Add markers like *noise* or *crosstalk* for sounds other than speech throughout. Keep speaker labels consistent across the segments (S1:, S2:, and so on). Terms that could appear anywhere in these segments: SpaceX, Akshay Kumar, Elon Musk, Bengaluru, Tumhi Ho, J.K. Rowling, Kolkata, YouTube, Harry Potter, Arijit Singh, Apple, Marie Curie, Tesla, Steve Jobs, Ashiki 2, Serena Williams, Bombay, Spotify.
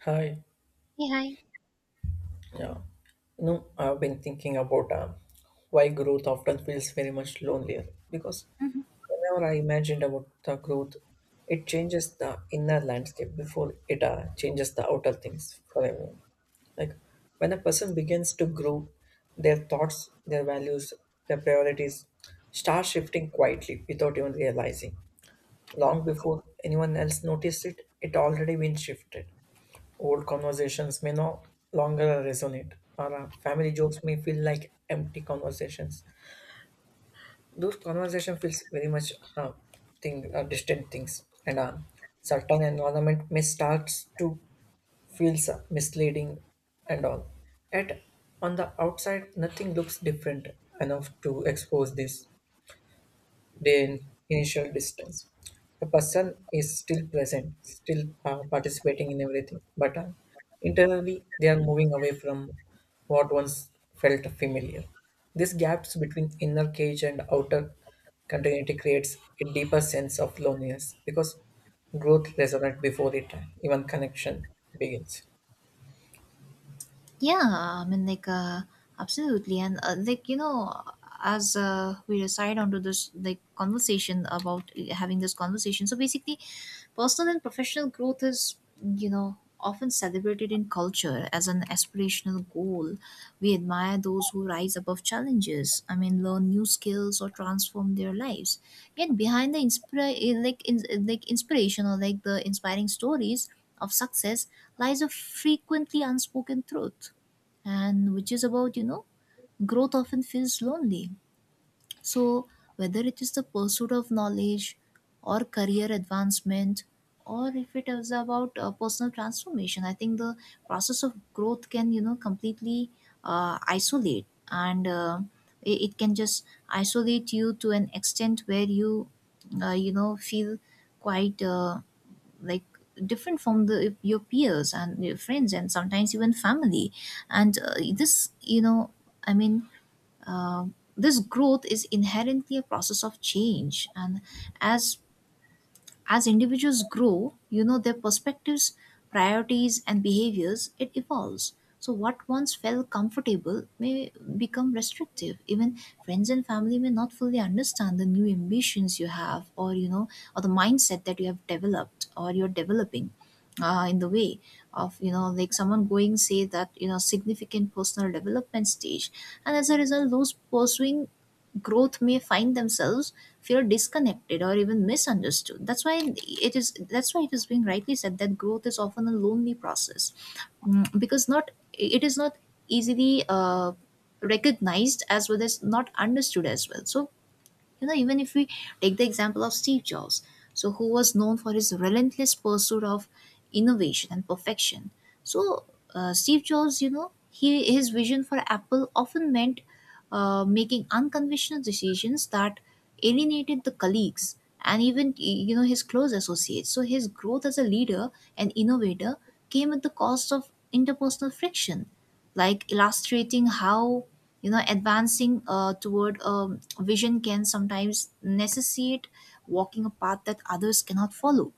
S1: Hi.
S2: Hey, hi.
S1: Yeah. No, I've been thinking about why growth often feels very much lonelier because
S2: Mhm.
S1: whenever I imagined about the growth, it changes the inner landscape before it changes the outer things for everyone. Like when a person begins to grow, their thoughts, their values, their priorities start shifting quietly without even realizing. Long before anyone else noticed it, it already been shifted. Old conversations may no longer resonate, or family jokes may feel like empty conversations. Those conversation feels very much distant things, and certain environment may start to feel misleading and all. Yet on the outside, nothing looks different enough to expose this the initial distance. The person is still present, still participating in everything, but internally they are moving away from what once felt familiar. These gaps between inner cage and outer continuity creates a deeper sense of loneliness because growth resonates before it even connection begins.
S2: Yeah, I mean, like, absolutely. And, like, you know, as We decide onto this, like, conversation about having this conversation. So basically, personal and professional growth is, you know, often celebrated in culture as an aspirational goal. We admire those who rise above challenges. I mean, learn new skills or transform their lives. Yet behind the inspiration or like the inspiring stories of success lies a frequently unspoken truth, and which is about, you know, growth often feels lonely. So, whether it is the pursuit of knowledge or career advancement, or if it is about personal transformation, I think the process of growth can, you know, completely isolate and it, it can just isolate you to an extent where you, you know, feel quite like different from the your peers and your friends and sometimes even family. And this, you know, I mean, this growth is inherently a process of change, and as as individuals grow, you know, their perspectives, priorities, and behaviors, it evolves. So, what once felt comfortable may become restrictive. Even friends and family may not fully understand the new ambitions you have, or, you know, or the mindset that you have developed or you're developing in the way of, you know, like someone going say that, you know, significant personal development stage. And as a result, those pursuing growth may find themselves feel disconnected or even misunderstood. That's why it is being rightly said that growth is often a lonely process. Mm, because not it is not easily recognized as well as not understood as well. So, you know, even if we take the example of Steve Jobs, so who was known for his relentless pursuit of innovation and perfection. So Steve Jobs, you know, he, his vision for Apple often meant making unconventional decisions that alienated the colleagues and even, you know, his close associates. So his growth as a leader and innovator came at the cost of interpersonal friction, like illustrating how, you know, advancing toward a vision can sometimes necessitate walking a path that others cannot follow.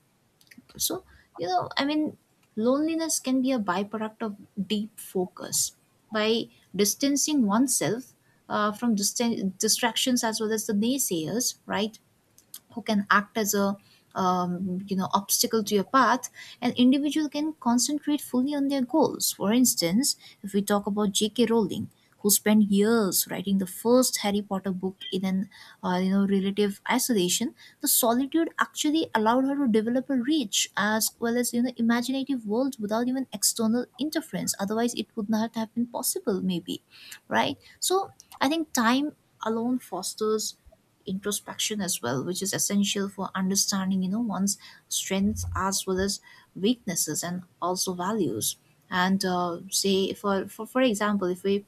S2: So, you know, I mean, loneliness can be a byproduct of deep focus. By distancing oneself uh, from dist- distractions as well as the naysayers, right, who can act as a, you know, obstacle to your path. An individual can concentrate fully on their goals. For instance, if we talk about JK Rowling, who spent years writing the first Harry Potter book in an you know, relative isolation. The solitude actually allowed her to develop a rich as well as, you know, imaginative world without even external interference. Otherwise it would not have been possible, maybe, right? So I think time alone fosters introspection as well, which is essential for understanding, you know, one's strengths as well as weaknesses and also values. And say for example, if we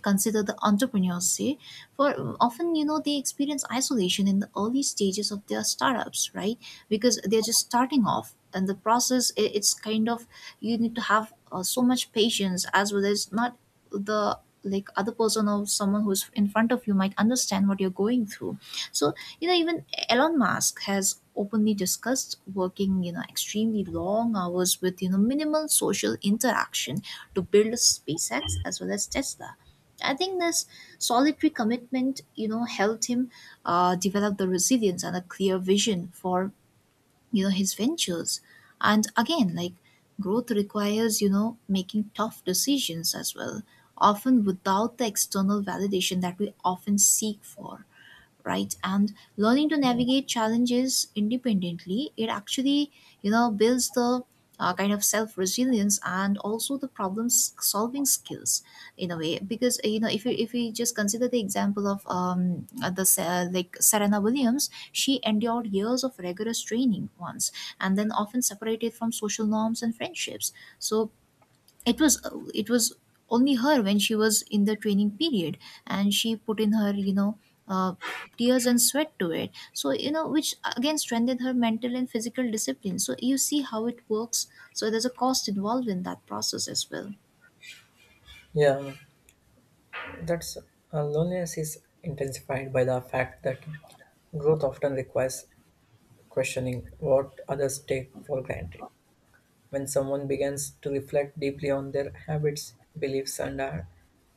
S2: consider the entrepreneurs, say, for often, you know, they experience isolation in the early stages of their startups, right? Because they're just starting off, and the process, it's kind of, you need to have so much patience as well as not the, like, other person or someone who's in front of you might understand what you're going through. So, you know, even Elon Musk has openly discussed working, you know, extremely long hours with, you know, minimal social interaction to build SpaceX as well as Tesla. I think this solitary commitment, you know, helped him develop the resilience and a clear vision for, you know, his ventures. And again, like, growth requires, you know, making tough decisions as well, often without the external validation that we often seek for, right? And learning to navigate challenges independently, it actually, you know, builds the kind of self resilience and also the solving skills. In a way, because you know, if you, if we just consider the example of like Serena Williams, she endured years of rigorous training once, and then often separated from social norms and friendships. So it was it was only her when she was in the training period, and she put in her, you know, uh, tears and sweat to it. So, you know, which again strengthened her mental and physical discipline. So you see how it works. So there's a cost involved in that process as well.
S1: Yeah, that's loneliness is intensified by the fact that growth often requires questioning what others take for granted. When someone begins to reflect deeply on their habits, beliefs, and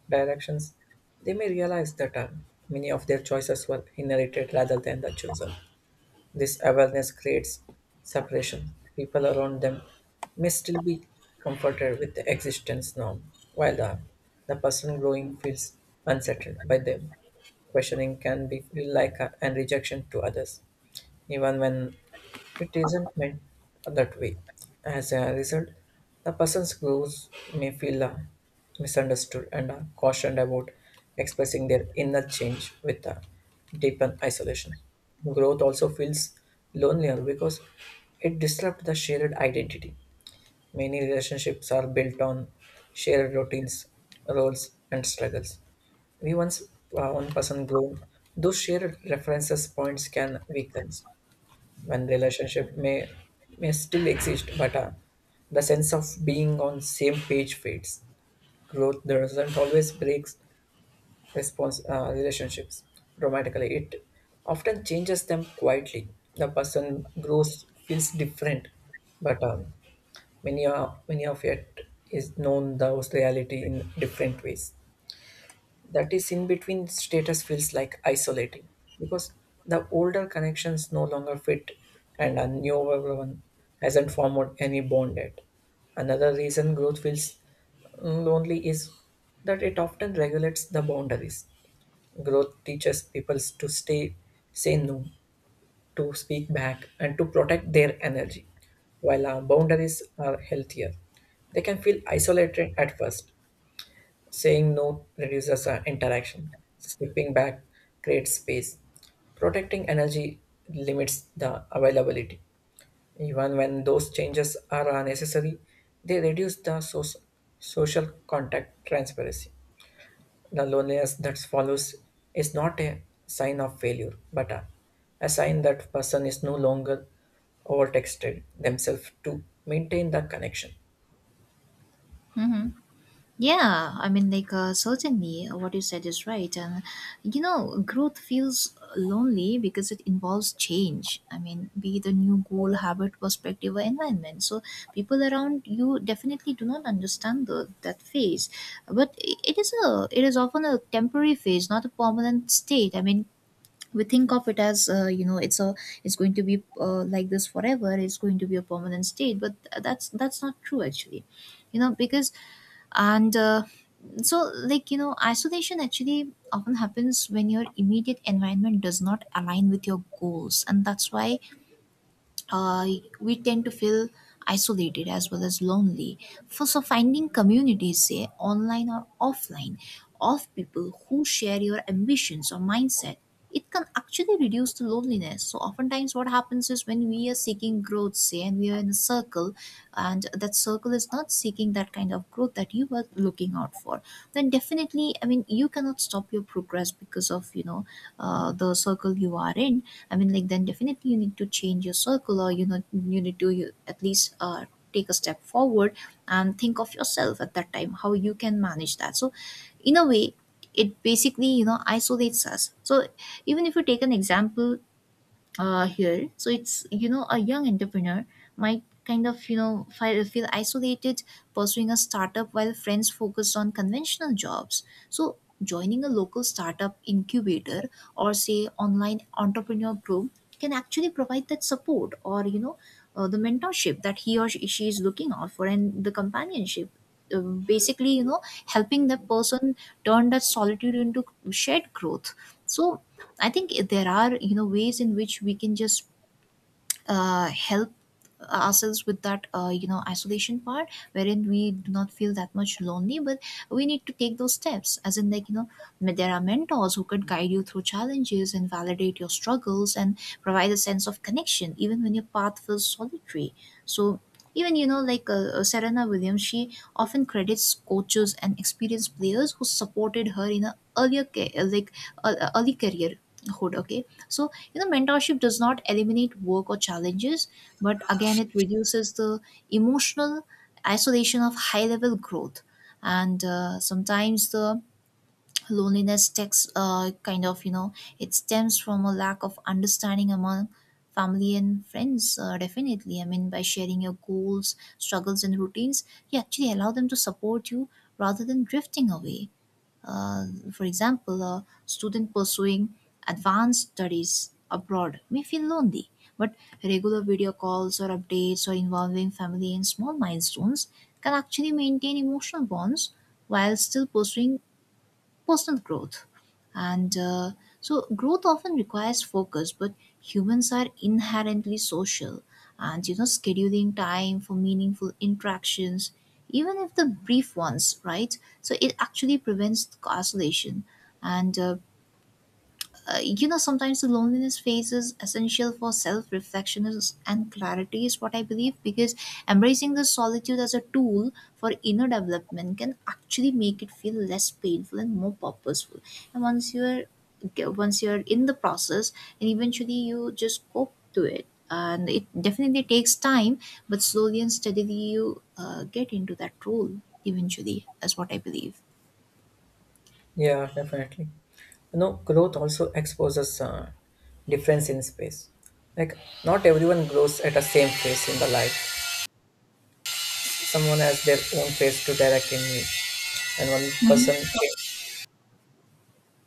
S1: directions, they may realize that many of their choices were inherited rather than the chosen. This awareness creates separation. People around them may still be comforted with the existence norm, while the person growing feels unsettled by them. Questioning can be feel like a, an rejection to others, even when it isn't meant that way. As a result, the person's grows may feel misunderstood and cautioned about expressing their inner change with a deepened isolation. Growth also feels lonelier because it disrupts the shared identity. Many relationships are built on shared routines, roles, and struggles. We once one person grown, those shared references points can weaken when relationship may still exist but the sense of being on same page fades growth doesn't always breaks response relationships dramatically it often changes them quietly the person grows feels different but many, many of it is known those reality in different ways that is in between status feels like isolating because the older connections no longer fit and a newer one hasn't formed any bond yet. Another reason growth feels lonely is that it often regulates the boundaries. Growth teaches people to stay, say no, to speak back, and to protect their energy. While our boundaries are healthier, they can feel isolated at first. Saying no reduces our interaction. Stepping back creates space. Protecting energy limits the availability. Even when those changes are unnecessary, they reduce the social contact transparency. The loneliness that follows is not a sign of failure, but a sign that person is no longer overtexted themselves to maintain the connection.
S2: Mhm. Yeah, I mean, like, certainly, what you said is right. And, you know, growth feels lonely because it involves change. I mean, be it a new goal, habit, perspective, or environment. So, people around you definitely do not understand that phase. But it is a, it is often a temporary phase, not a permanent state. I mean, we think of it as you know, it's a, it's going to be like this forever, it's going to be a permanent state, but that's not true actually, you know. Because and so, like, you know, isolation actually often happens when your immediate environment does not align with your goals. And that's why uh, we tend to feel isolated as well as lonely. For so finding communities, say online or offline, of people who share your ambitions or mindset, it can actually reduce the loneliness. So oftentimes, what happens is when we are seeking growth, say, and we are in a circle, and that circle is not seeking that kind of growth that you were looking out for, then definitely, I mean, you cannot stop your progress because of, you know, the circle you are in. I mean, like, then definitely you need to change your circle, or, you know, you need to you at least take a step forward and think of yourself at that time, how you can manage that. So, in a way, it basically, you know, isolates us. So even if you take an example here. So it's, you know, a young entrepreneur might kind of, you know, feel isolated pursuing a startup while friends focused on conventional jobs. So joining a local startup incubator or say online entrepreneur group can actually provide that support, or, you know, the mentorship that he or she is looking out for, and the companionship. Basically, you know, helping that person turn that solitude into shared growth. So I think there are, you know, ways in which we can just help ourselves with that, you know, isolation part, wherein we do not feel that much lonely. But we need to take those steps, as in, like, you know, there are mentors who could guide you through challenges and validate your struggles and provide a sense of connection even when your path feels solitary. So even, you know, like, Serena Williams, she often credits coaches and experienced players who supported her in a earlier early career hood. Okay, so, you know, mentorship does not eliminate work or challenges, but again, it reduces the emotional isolation of high level growth. And sometimes the loneliness takes kind of, you know, it stems from a lack of understanding among family and friends. Definitely, I mean, by sharing your goals, struggles, and routines, you actually allow them to support you rather than drifting away. uh, for example, a student pursuing advanced studies abroad may feel lonely, but regular video calls or updates or involving family in small milestones can actually maintain emotional bonds while still pursuing personal growth. And so, growth often requires focus, but humans are inherently social. And, you know, scheduling time for meaningful interactions, even if the brief ones, right? So, it actually prevents isolation. And you know, sometimes the loneliness phase is essential for self reflection and clarity, is what I believe, because embracing the solitude as a tool for inner development can actually make it feel less painful and more purposeful. And once you're in the process, and eventually you just cope to it. And it definitely takes time, but slowly and steadily, you get into that role eventually, is what I believe.
S1: Yeah, definitely. You know, growth also exposes difference in space. Like, not everyone grows at the same pace in the life. Someone has their own pace to direct in me, and one person,
S2: Mhm.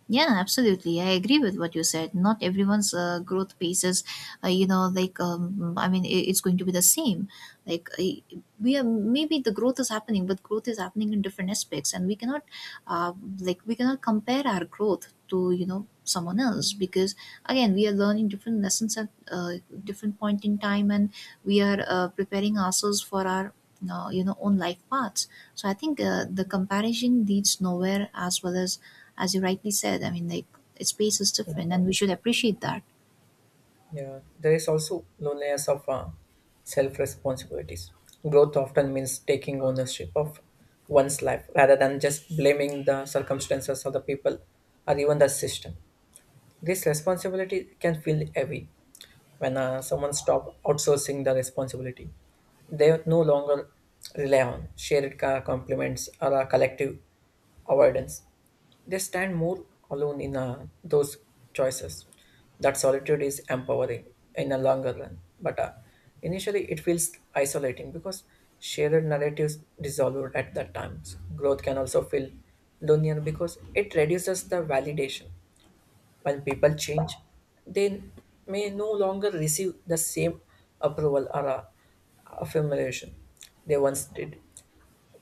S2: Yeah, absolutely. I agree with what you said. Not everyone's growth pace is, you know, like, I mean, it's going to be the same. Like, we are, maybe the growth is happening, but growth is happening in different aspects, and we cannot, uh, like, we cannot compare our growth to, you know, someone else, because again we are learning different lessons at different point in time. And we are preparing ourselves for our you know, own life paths. So I think the comparison leads nowhere, as well as you rightly said, I mean, like, space is different and we should appreciate that.
S1: yeah, there is also loneliness of self responsibilities. Growth often means taking ownership of one's life rather than just blaming the circumstances or the people or even the system. This responsibility can feel heavy when someone stops outsourcing the responsibility. They no longer rely on shared compliments or a collective avoidance. They stand more alone in those choices. That solitude is empowering in a longer run, but initially it feels isolating because shared narratives dissolved at that times. Growth can also feel lonelier because it reduces the validation when people change, they may no longer receive the same approval or affirmation they once did.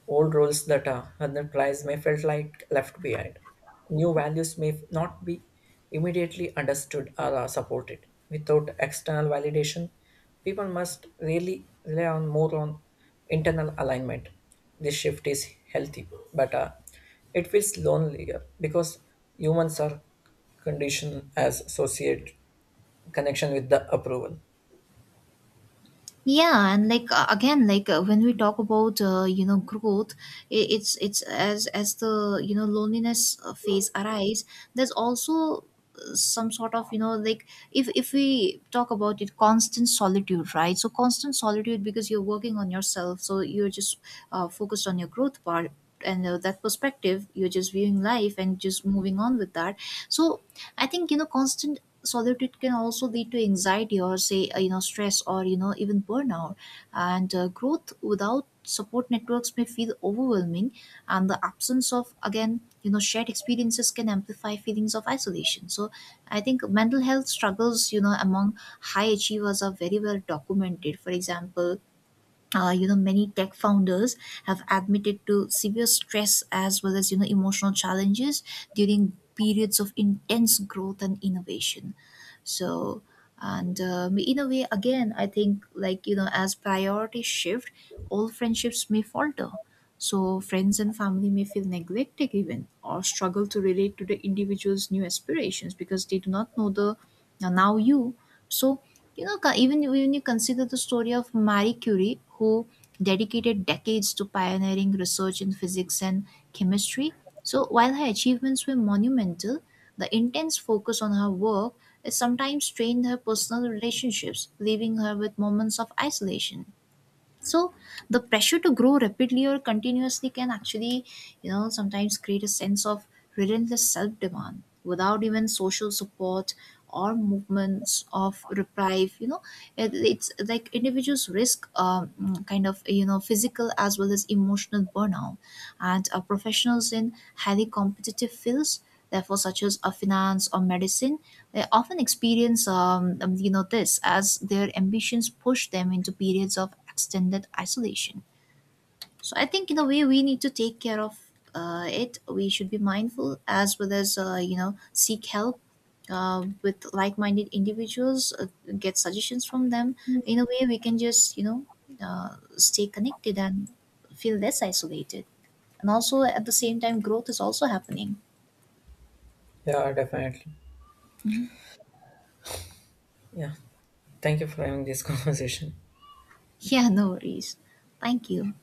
S1: Old roles that are unapplied may feel like left behind. New values may not be immediately understood or are supported. Without external validation, people must really rely on more on internal alignment. This shift is healthy, but it feels lonelier because humans are conditioned as associate connection with the approval.
S2: Yeah, and like, again, when we talk about, you know, growth, it's as the, you know, loneliness phase arise, there's also some sort of, you know, like, if we talk about it, constant solitude, right? So constant solitude, because you're working on yourself, so you're just focused on your growth part. And that perspective, you're just viewing life and just moving on with that. So I think, you know, constant solitude can also lead to anxiety or say, you know, stress, or, you know, even burnout. And growth without support networks may feel overwhelming, and the absence of, again, you know, shared experiences can amplify feelings of isolation. So I think mental health struggles, you know, among high achievers are very well documented. For example, you know, many tech founders have admitted to severe stress as well as, you know, emotional challenges during periods of intense growth and innovation. So and, in a way, again, I think, like, you know, as priorities shift, all friendships may falter. So friends and family may feel neglected even, or struggle to relate to the individual's new aspirations, because they do not know the now you. So, you know, even when you consider the story of Marie Curie, who dedicated decades to pioneering research in physics and chemistry, so while her achievements were monumental, the intense focus on her work has sometimes strained her personal relationships, leaving her with moments of isolation. So the pressure to grow rapidly or continuously can actually, you know, sometimes create a sense of relentless self demand without even social support or movements of reprieve, you know. It's like individuals risk kind of, you know, physical as well as emotional burnout. And professionals in highly competitive fields, therefore, such as a finance or medicine, they often experience, you know, this, as their ambitions push them into periods of extended isolation. So I think in a way we need to take care of it. We should be mindful as well as, you know, seek help with like-minded individuals, get suggestions from them. In a way, we can just, you know, stay connected and feel less isolated. And also at the same time, growth is also happening.
S1: Yeah, definitely.
S2: Mhm. *laughs*
S1: Yeah. Thank you for having this *laughs* conversation.
S2: Yeah, no worries. Thank you.